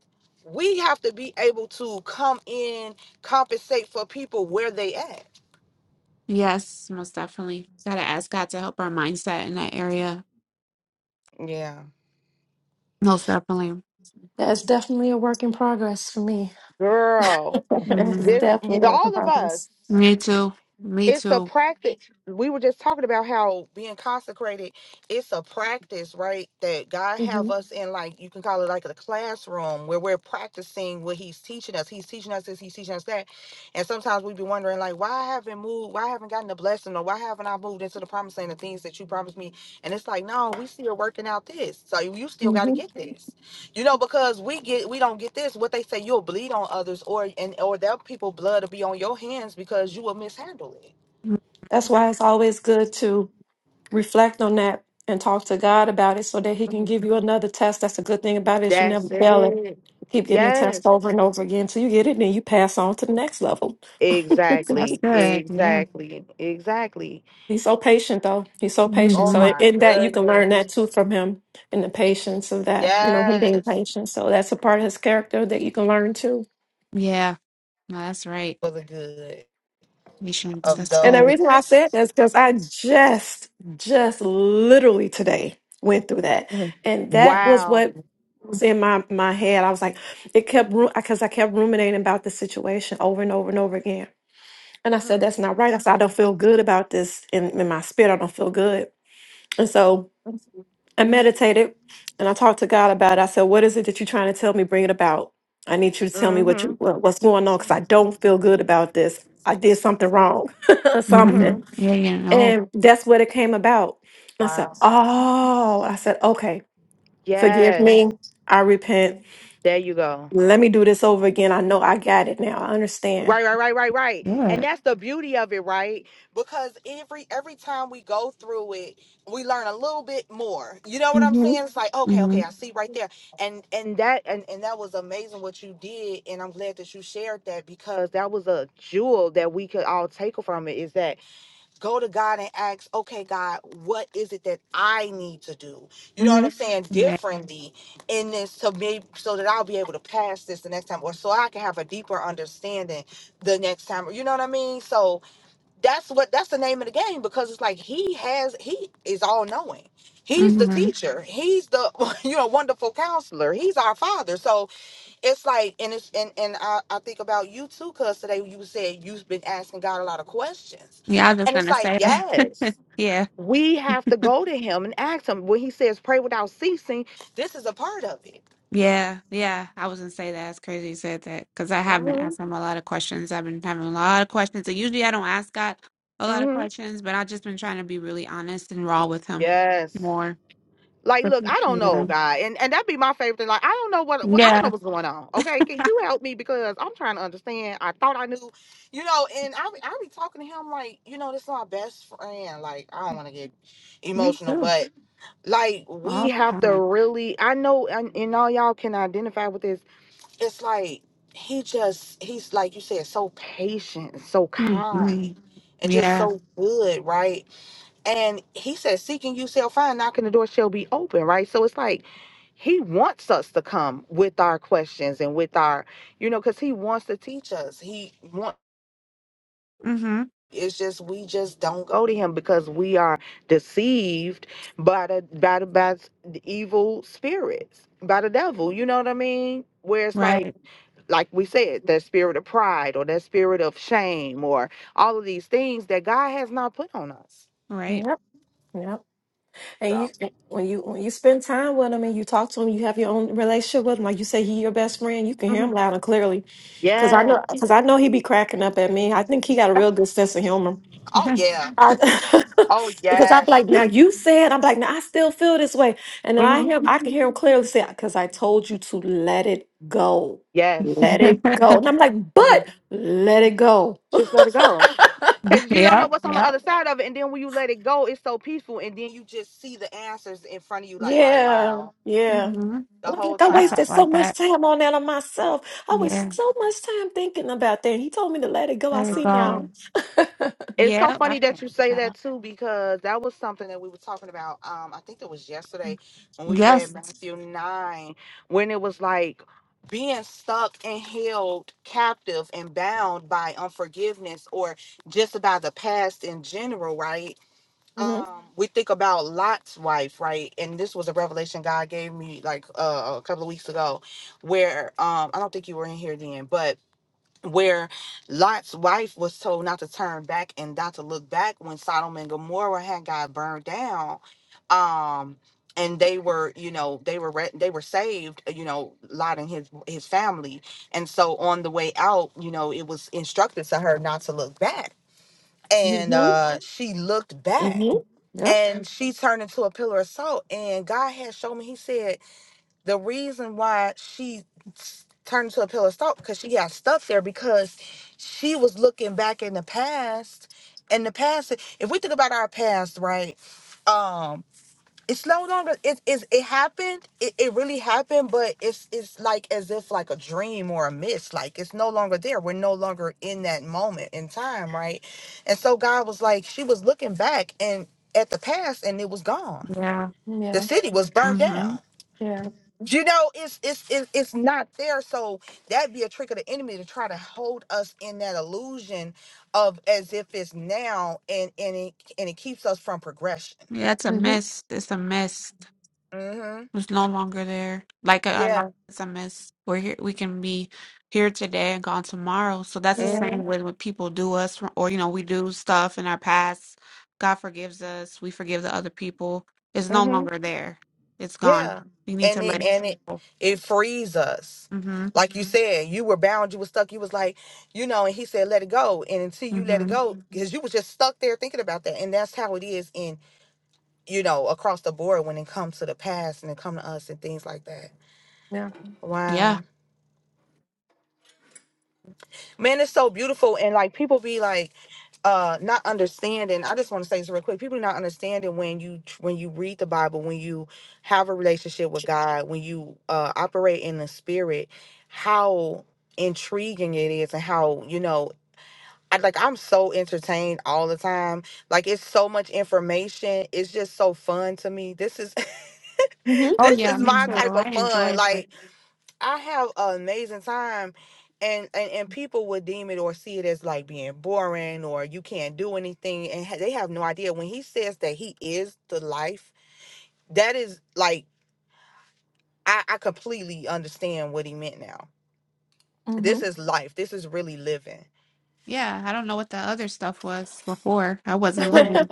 we have to be able to come in compensate for people where they at
Yes, most definitely. Gotta ask God to help our mindset in that area.
yeah
Most definitely.
That's definitely a work in progress for me.
girl
It's
hmm
This,
definitely a work in
all of
progress.
us
Me too. Me
it's a
too.
practice. We were just talking about how being consecrated, it's a practice, right? That God
hmm
have us in like you can call it like a classroom where we're practicing what he's teaching us. He's teaching us this, he's teaching us that. And sometimes we be wondering like why I haven't moved, why I haven't gotten the blessing or why haven't I moved into the promised land, the things that you promised me. And it's like, no, we still working out this. So you still gotta
hmm
get this. You know, because we get we don't get this. What they say you'll bleed on others or and or that people blood will be on your hands because you will mishandle it
Mm,
That's why it's always good to reflect on that and talk to God about it so that He can give you another test. That's a good thing about it is you
That's
never fail it.
it.
Keep getting the test
Yes,
over and over again till you get it, then you pass on to the next level.
That's
exactly,
good. Yeah.
exactly, exactly.
He's so patient, though. He's so patient.
Oh
So
hmm
in
my
in that, you can learn
goodness.
that too from him, and the patience of that. You know, him being
Yes,
patient. So that's a part of his character that you can learn too.
Yeah. No, that's right.
for the good
Patience.
of
That's
And the
good.
reason
those.
why I said that is because I just, just literally today went through that,
Mhm.
and that was
Wow.
what was in my my head. I was like, it kept because I kept ruminating about the situation over and over and over again. And I said,
Mm-hmm.
that's not right. I said, I don't feel good about this in, in my spirit. I don't feel good. And so. I meditated and I talked to God about it. I said, "What is it that you're trying to tell me? Bring it about. I need you to tell me what you what- what's going on because I don't feel good about this. I did something wrong,
hmm
Mm-hmm.
something."
Yeah. You know.
And that's what it came about. And I said,
Wow.
"Oh," I said, "Okay, forgive
Yes.
me. I repent.
There you go.
Let me do this over again. I know I got it now. I understand."
Right, right, right, right, right. And
Good.
that's the beauty of it, right? Because every every time we go through it, we learn a little bit more. You know what I'm
Mm-hmm.
saying? It's like, okay,
hmm
okay, I see right there. And and that and, and that was amazing what you did. And I'm glad that you shared that because that was a jewel that we could all take from it is that go to God and ask, okay, God, what is it that I need to do? You know what I'm
Mm-hmm.
saying?
Yeah.
Differently in this to me so that I'll be able to pass this the next time or so I can have a deeper understanding the next time. You know what I mean? So that's what that's the name of the game because it's like he has he is all knowing. He's the
hmm
teacher. He's the you know wonderful counselor. He's our father. So it's like and it's and and I, I think about you too because today you said you've been asking god a lot of questions
Yeah. I was just
and it's
gonna
like
say that.
yes
yeah.
we have to go to him and ask him when he says pray without ceasing this is a part of it
Yeah, yeah, I was gonna say that. It's crazy you said that because I have been
hmm
asking him a lot of questions. I've been having a lot of questions. So usually I don't ask God a lot of
hmm
questions, but I've just been trying to be really honest and raw with him
yes
more.
like look i don't know
Yeah,
god and and that'd be my favorite thing like i don't know what, what i don't know
yeah,
what's going on okay can you help me because i'm trying to understand i thought i knew you know and i be- i be talking to him like you know this is my best friend like i don't want to get
me
emotional
too.
but. like we
All
have
the
to
time.
really i know and, and all y'all can identify with this it's like he just he's like you said so patient and so kind
hmm
and just
Yeah.
so good right and he says, seeking you shall find knocking the door shall be open right so it's like he wants us to come with our questions and with our you know because he wants to teach us he wants
hmm
it's just we just don't go to him because we are deceived by the by the by the evil spirits, by the devil. You know what I mean? Where it's like
Right.
like we said, that spirit of pride or that spirit of shame or all of these things that God has not put on us.
Right.
Yep. Yep. And
So
you, when you when you spend time with him and you talk to him, you have your own relationship with him. Like you say, he your best friend. You can hear him
Mhm.
loud and clearly, because I
yes.
know because I know he be cracking up at me. I think he got a real good sense of humor.
Oh yeah.
I,
Oh
because I'm
yes.
like, now you said, I'm like, now I still feel this way, and then I
Mhm.
hear I can hear him clearly say, because I told you to let it go,
Yes.
let it go, and I'm like,
Mhm.
but let it go.
Just let it go. Cause you don't know
Yep.
what's on the
Yep.
other side of it, and then when you let it go, it's so peaceful, and then you just see the answers in front of you, like, oh
Yeah,
wow,
yeah.
hmm
the
I was
whole
like, I
I
time.
wasted
felt
so
like
much
that.
time on that on myself. I was
Yeah.
so much time thinking about that. He told me to let it go. I
There you
see
hmm
now.
go.
It's so
Yep. I
funny
felt
that you say
like that.
that too, because that was something that we were talking about. Um, I think it was yesterday when we read
Yes.
Matthew nine, when it was like being stuck and held captive and bound by unforgiveness or just about the past in general, right?
hmm
um we think about Lot's wife, right? And this was a revelation God gave me like uh, a couple of weeks ago where um I don't think you were in here then, but where Lot's wife was told not to turn back and not to look back when Sodom and Gomorrah had got burned down. Um and they were, you know, they were re- they were saved, uh, you know, Lot and his his family. And so on the way out, you know, it was instructed to her not to look back. And
hmm
uh she looked back
hmm Yeah.
and she turned into a pillar of salt. And God had shown me, He said, the reason why she s- turned into a pillar of salt because she got stuck there because she was looking back in the past. And the past, if we think about our past, right? um, it's slow down. but It is. It happened. It, it really happened. But it's it's like as if like a dream or a mist. Like it's no longer there. We're no longer in that moment in time, right? And so God was like, she was looking back and at the past, and it was gone.
Yeah.
The
Yeah.
city was burned down.
Yeah.
You know, it's it's it's it's not there. So that'd be a trick of the enemy to try to hold us in that illusion of as if it's now, and and it and it keeps us from progression.
Yeah, it's a
hmm
mist. It's a mist.
Mm-hmm.
It's no longer there. Like our life
Yeah.
is a mist. We're here. We can be here today and gone tomorrow. So that's the
Yeah.
Mm-hmm.
same with when people do us, or you know, we do stuff in our past. God forgives us. We forgive the other people. It's no
Mm-hmm.
longer there. It's gone.
Yeah.
We need
And
to let
it
it
and it
go.
it frees us.
Mhm.
Like you said, you were bound, you were stuck. You was like, you know, and he said, let it go. And until you let it
Mhm.
go, because you was just stuck there thinking about that. And that's how it is in, you know, across the board when it comes to the past and it come to us and things like that.
Yeah.
Wow.
Yeah.
Man, it's so beautiful. And like people be like, uh not understanding i just want to say this real quick people not understanding when you when you read the bible when you have a relationship with god when you uh operate in the spirit how intriguing it is and how you know I, like i'm so entertained all the time like it's so much information it's just so fun to me this is
hmm
Oh
this
yeah,
is
me
my
too.
hmm
type of
I
fun
enjoyed it.
like I have an amazing time and, and and people would deem it or see it as like being boring or you can't do anything and ha- they have no idea when he says that he is the life that is like I, I completely understand what he meant now this is life this is really living
Yeah, I don't know what the other stuff was before. I wasn't
mhm
living.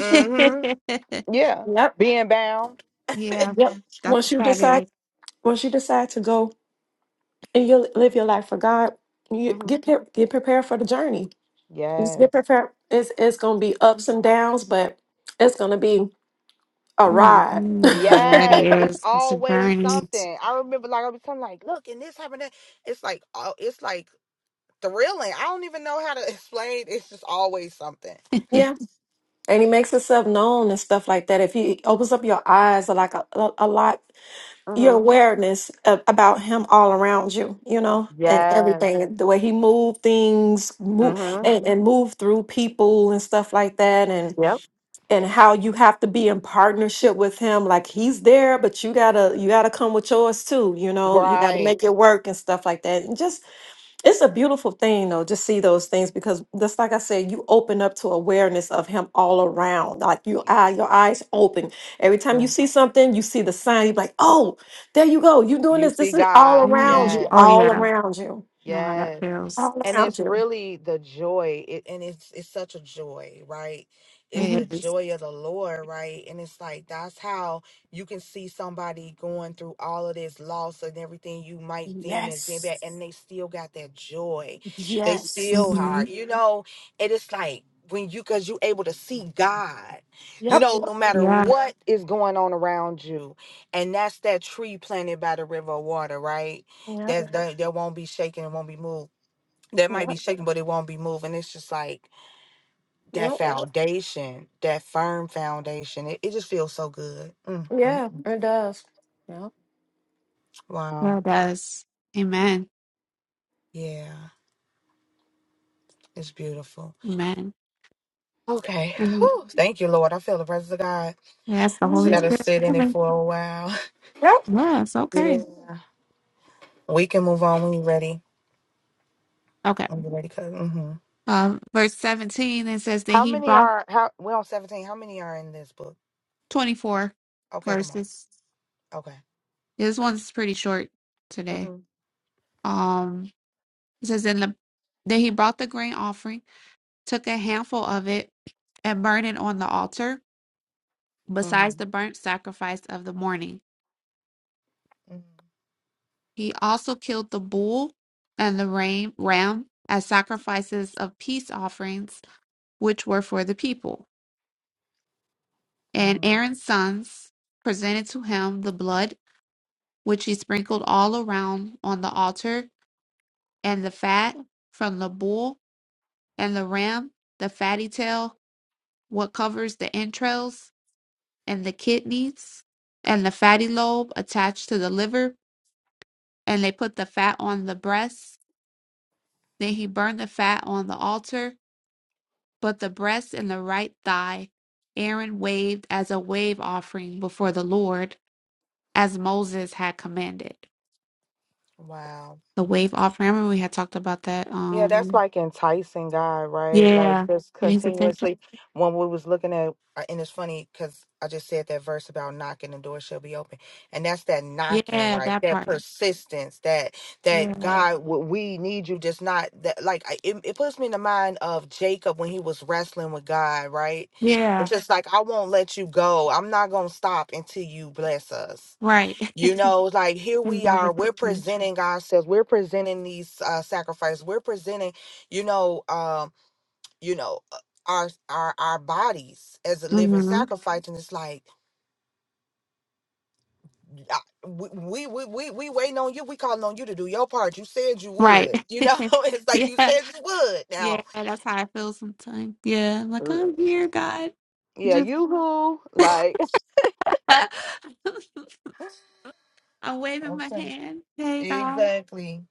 mhm yeah
yep.
being bound
Yeah,
Yep.
that's
Once
what
you
that
decide,
is.
once you decide to go and you live your life for God, you
mhm
get pre- get prepared for the journey. Just get
yes
prepared. It's it's gonna be ups and downs, but it's gonna be. a ride.
Mm-hmm. That
yes it's
is. It's a
always
journey.
something i remember like i was telling like look and this happened that it's like oh it's like thrilling. I don't even know how to explain. It's just always something.
yeah. And he makes himself known and stuff like that. If he opens up your eyes or like a, a, a lot, your
Mm-hmm.
awareness of, about him all around you, you know, and
Yes.
everything, the way he move things, move
Mm-hmm.
and, and move through people and stuff like that. And,
Yep.
and how you have to be in partnership with him. Like he's there, but you gotta, you gotta come with yours too. You know, you gotta
Right.
make it work and stuff like that. And just It's a beautiful thing, though, to see those things because just like I said, you open up to awareness of him all around. Like you eye, your eyes open. Every time
Yeah.
you see something, you see the sign, you're like, oh, there you go. You doing
You
this.
see
This is all
God.
around
mm
you,
Oh,
Yes.
all
yeah.
around you,
Know how that
Yes.
feels.
all
And
around
it's
you.
really the joy. It, and it's it's such a joy, right? It's
It
the
Mhm.
is.
joy of the Lord, right? And it's like that's how you can see somebody going through all of this loss and everything you might deem as being
Yes.
bad, and they still got that joy. They
Yes.
still are,
Mm-hmm.
you know, and it's like when you cause you able to see God, you
Yep.
know, no matter
Yeah,
what is going on around you. And that's that tree planted by the river of water, right?
Yep.
That's that that won't be shaken, it won't be moved. That might be
Yep.
shaken, but it won't be moved. And it's just like that
Yep.
foundation, that firm foundation. It, it just feels so good. mm mm.
Yeah, it does. Yep.
Wow.
yeah, it does. Amen.
Yeah. It's beautiful.
Amen.
Okay.
And
Whew. Thank you, Lord. I feel the presence of God.
that's the
So
Holy
gotta
Mhm.
Spirit
sit in it
moving.
for a while.
Yep.
Yes,
Yeah.
okay.
We can move on when you're ready.
Okay.
When you ready, cousin. mm-hmm.
Um, verse 17, it says that
how
he
many
brought
are how we're on seventeen. How many are in this book?
24
Okay, come on.
verses.
Okay.
Yeah, This one's pretty short today.
Mm-hmm.
Um, it says, in the, that he brought the grain offering took a handful of it and burned it on the altar, besides the
Mm-hmm.
burnt sacrifice of the morning. He also killed the bull and the ram, ram as sacrifices of peace offerings, which were for the people. And
Mm-hmm.
Aaron's sons presented to him the blood, which he sprinkled all around on the altar, and the fat from the bull and the ram, the fatty tail, what covers the entrails, and the kidneys and the fatty lobe attached to the liver, and they put the fat on the breast. Then he burned the fat on the altar, but the breast and the right thigh Aaron waved as a wave offering before the Lord, as Moses had commanded.
Wow.
The wave offering. I remember we had talked about that.
Yeah, that's
Um,
like enticing God, right? Like
yeah,
just
getting his attention.
continuously. When we was looking at, uh, and it's funny because I just said that verse about knocking, the door shall be open, and that's that knocking,
Yeah,
right?
that
That
part.
persistence, that that
Yeah,
God, w- we need you, just not that. Like I- it, it puts me in the mind of Jacob when he was wrestling with God, right? It's
yeah,
just like I won't let you go. I'm not gonna stop until you bless us.
right.
You know, it's like here
Getting
we
God's
are, we're
attention.
presenting ourselves, we're presenting these uh sacrifices, we're presenting, you know, um, you know, uh, our our our bodies as a living
hmm
sacrifice, and it's like I- we we we we waiting on you. We calling on you to do your part. You said you
Right.
would. You know, it's like you
yeah.
said you would.
Yeah,
Now,
that's how I feel sometimes. Yeah, I'm like,
L-
I'm here, God.
yeah,
Just
you who like
I'm waving my
okay,
hand. Hey, God.
exactly.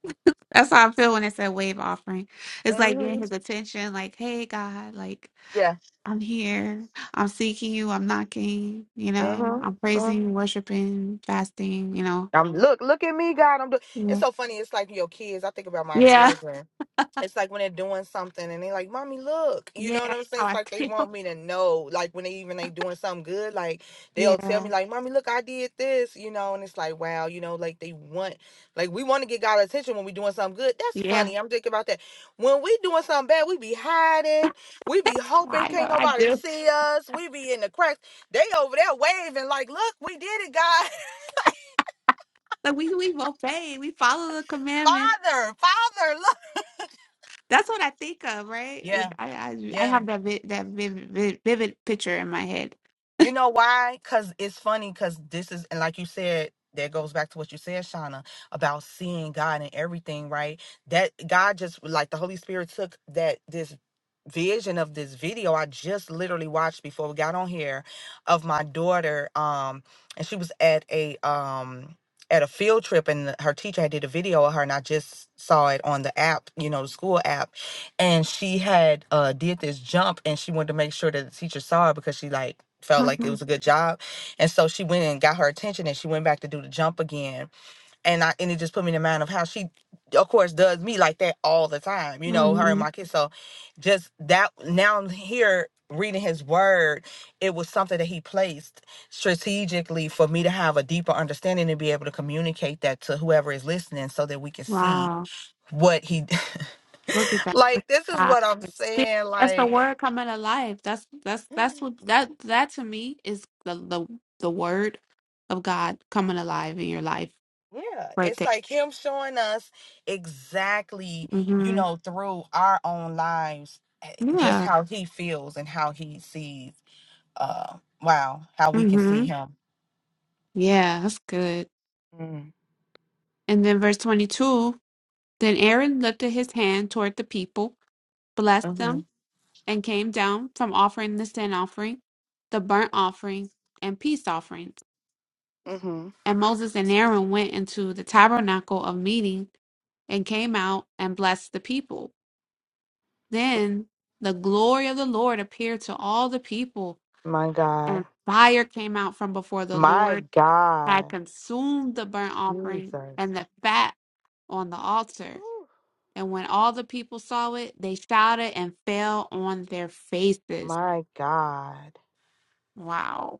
That's how I feel when it's a wave offering. It's like
hmm
getting his attention, like, hey, God, like,
Yeah.
I'm here. I'm seeking you. I'm knocking. You know, I'm
hmm
praising, worshiping, fasting, you know.
I'm look, look at me, God. I'm doing. It's
Yeah.
so funny. It's like your kids. I think about my
Yeah.
children. It's like when they're doing something and they like, "Mommy, look." You
Yeah.
know what
That's
I'm saying?
how
It's
I
like they want
feel.
me to know. Like when they even they doing something good, like they'll tell me,
Yeah.
like, "Mommy, look, I did this." You know, and it's like, wow, you know, like they want, like we want to get God's attention when we doing something good. That's
Yeah.
funny. I'm thinking about that. When we doing something bad, we be hiding. We be hoping
I know
can't
I
nobody
do.
see us. We be in the cracks. They over there waving, like, "Look, we did it, God."
Like, we, we've obeyed. We follow the commandments.
Father, Father, look.
That's what I think of, right?
Yeah,
With I, I, I
yeah.
have that vi- that vivid, vivid, vivid picture in my head.
You know why? Because it's funny, because this is, and like you said, that goes back to what you said, Shauna, about seeing God and everything, right? That God just, like the Holy Spirit took that, this vision of this video I just literally watched before we got on here of my daughter um and she was at a um at a field trip and her teacher had did a video of her and I just saw it on the app you know the school app and she had uh did this jump and she wanted to make sure that the teacher saw it because she like felt like it
hmm
was a good job and so she went and got her attention and she went back to do the jump again and i and it just put me in the mind of how she of course does me like that all the time you know her and
hmm
my kids so just that now i'm here reading his word it was something that he placed strategically for me to have a deeper understanding and be able to communicate that to whoever is listening so that we can see
Wow,
what he
look at that! Look
Like this
at
is
God.
what I'm
That's- See,
saying.
that's the
Like,
word coming alive. That's that's that's what that that to me is the the the word of God coming alive in your life,
yeah,
right
it's
there.
like him showing us exactly, you
hmm
know, through our own lives, eh, just
Yeah.
how he feels and how he sees. Uh, wow, how we can see
hmm
him.
Yeah, that's good.
Mm.
And then verse twenty two. Then Aaron lifted his hand toward the people, blessed them
Mhm.
and came down from offering the sin offering, the burnt offering, and peace offerings.
Mhm.
And Moses and Aaron went into the tabernacle of meeting and came out and blessed the people. Then the glory of the Lord appeared to all the people,
My
and
God.
fire came out from before the
My
Lord had
God.
consumed the burnt offering
Jesus.
and the fat on the altar.
Whew.
And when all the people saw it, they shouted and fell on their faces.
My God.
Wow,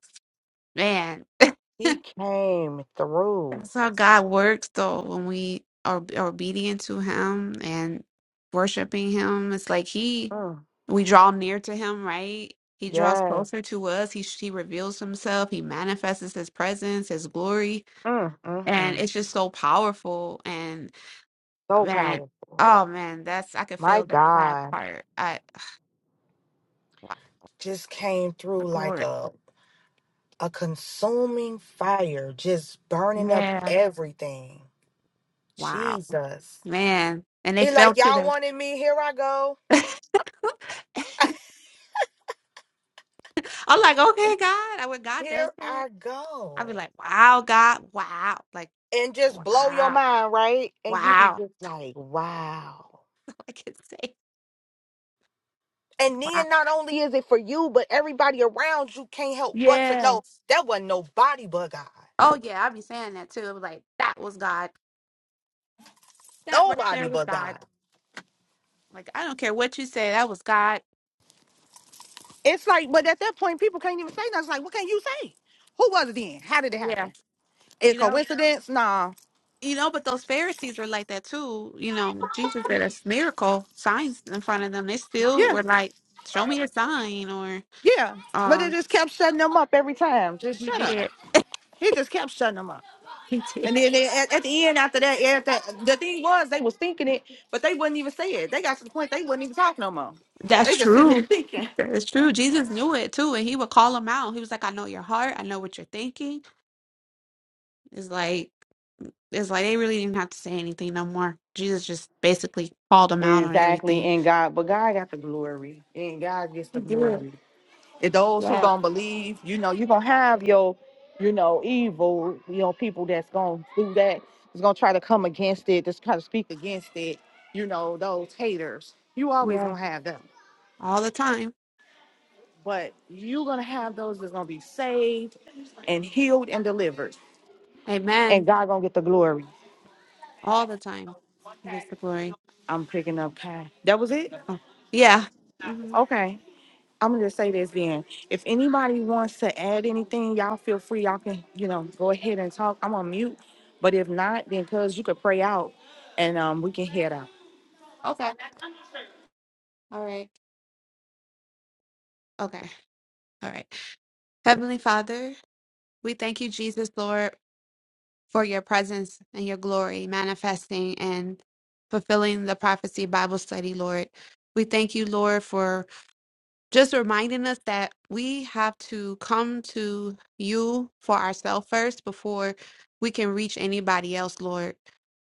man.
He came through.
That's how God works, though, when we are, b- are obedient to Him and worshiping Him. It's like He,
Mm.
we draw near to Him, right? He draws
Yes.
closer to us. He, he reveals Himself. He manifests His presence, His glory.
Mm, mm,
And
mm.
it's just so powerful. And oh,
So
man,
powerful.
oh man, that's, I could
My
feel that last
God
part. I, wow,
just came
the
through like
glory.
a a consuming fire, just burning up
Yeah.
everything.
Wow.
Jesus.
Man. And they
He like,
felt to
y'all
them.
wanted me, here I go.
I'm like, okay, God, I- when God does
here
that.
I
I'd be
go.
like, wow, God, wow. Like,
And just blow your
wow,
mind, right? And you be
wow.
just like, wow.
I could say,
And
wow.
then not only is it for you, but everybody around you can't help but to
Yeah.
know that wasn't nobody but God.
Oh, yeah. I'd be saying that too. I'd be like, that was God. That right
Nobody
there was
but
God.
God.
Like, I don't care what you say. That was God.
It's like, but at that point, people can't even say nothing. It's like, what can you say? Who was it then? How did it
Yeah.
happen? A
You know,
coincidence? Nah.
you know, but those Pharisees were like that too. You know, Jesus did a miracle, signs in front of them. They still
Yeah,
were like, show me a sign or,
yeah. But it
um,
just kept shutting them up every time. Just
he
shut up.
did.
He just kept shutting them up.
He did.
And then they, at, at the end, after that, after, the thing was, they was thinking it, but they wouldn't even say it. They got to the point they wouldn't even talk no more.
That's
They just sitting there
true.
thinking.
That's true. Jesus knew it too, and he would call them out. He was like, "I know your heart. I know what you're thinking." It's like it's like they really didn't have to say anything no more. Jesus just basically called them out on
Exactly.
everything.
And God, but God got the glory. And God gets
He
the
did.
glory. If those who
Yeah.
gonna believe, you know, you gonna have your, you know, evil, you know, people that's gonna do that, is gonna try to come against it, just try to speak against it, you know, those haters. You always
Yeah.
gonna have them.
All the time.
But you gonna have those that's gonna be saved and healed and delivered. And
Amen.
God gonna get the glory.
All the time. He gets the glory.
I'm picking up Kai. That was it?
Oh, yeah. hmm
Okay. I'm gonna just say this then. If anybody wants to add anything, y'all feel free. Y'all can, you know, go ahead and talk. I'm on mute. But if not, then cuz you could pray out and um we can head out.
Okay. All right. Okay. All right. Heavenly Father, we thank you, Jesus, Lord. for your presence and your glory manifesting and fulfilling the prophecy Bible study, Lord. We thank you, Lord, for just reminding us that we have to come to you for ourselves first before we can reach anybody else, Lord.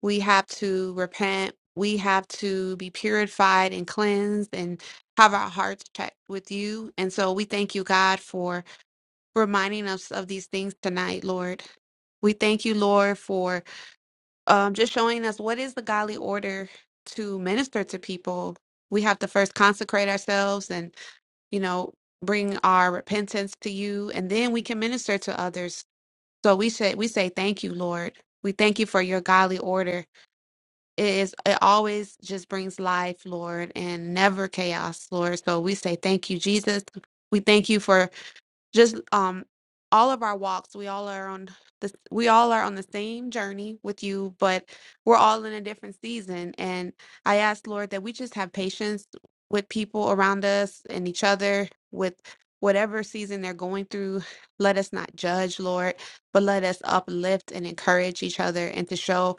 We have to repent. We have to be purified and cleansed and have our hearts checked with you. And so we thank you, God, for reminding us of these things tonight, Lord. We thank you, Lord, for um, just showing us what is the godly order to minister to people. We have to first consecrate ourselves and, you know, bring our repentance to you, and then we can minister to others. So we say, we say, thank you, Lord. We thank you for your godly order. It is, it always just brings life, Lord, and never chaos, Lord. So we say, thank you, Jesus. We thank you for just um all of our walks we all are on the we all are on the same journey with you but we're all in a different season and i ask lord that we just have patience with people around us and each other with whatever season they're going through let us not judge lord but let us uplift and encourage each other and to show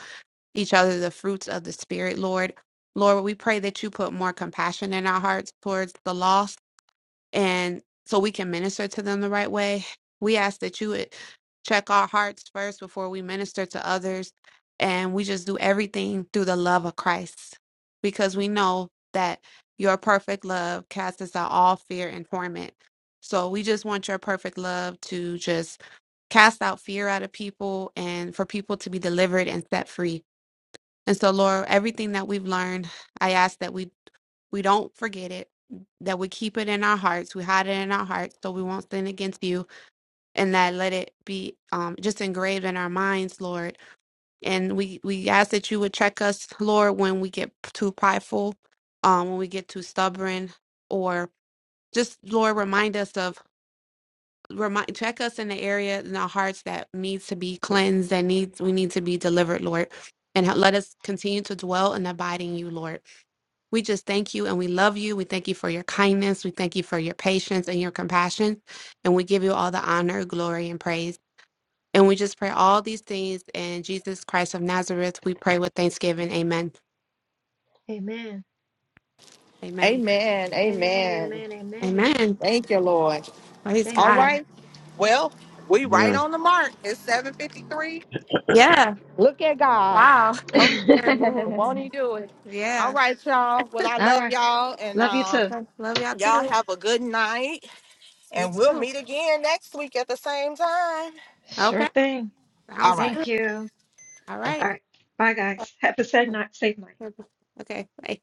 each other the fruits of the spirit lord lord we pray that you put more compassion in our hearts towards the lost and so we can minister to them the right way. We ask that you would check our hearts first before we minister to others, and we just do everything through the love of Christ because we know that your perfect love casts out all fear and torment. So we just want your perfect love to just cast out fear out of people and for people to be delivered and set free. And so, Lord, everything that we've learned, I ask that we we don't forget it, that we keep it in our hearts. We hide it in our hearts so we won't sin against you, and that let it be um, just engraved in our minds, Lord. And we, we ask that you would check us, Lord, when we get too prideful, um, when we get too stubborn, or just, Lord, remind us of. Remind, check us in the area in our hearts that needs to be cleansed, that needs we need to be delivered, Lord, and let us continue to dwell and abide in you, Lord. We just thank you and we love you. We thank you for your kindness. We thank you for your patience and your compassion. And we give you all the honor, glory, and praise. And we just pray all these things in Jesus Christ of Nazareth. We pray with thanksgiving. Amen. Amen.
Amen. Amen.
Amen.
Thank you, Lord.
Praise
All
God.
right. Well, we right
Yeah.
on the mark. It's 753.
Yeah.
Look at God.
Wow. Holy Spirit moves.
Won't he do it? All
Yeah.
right, y'all. Well, I love y'all and um
Love y'all
y'all
too.
have a good night.
You
And we'll
too.
meet again next week at the same time.
Okay.
All
Sounds
right.
good. All right. Okay. Bye.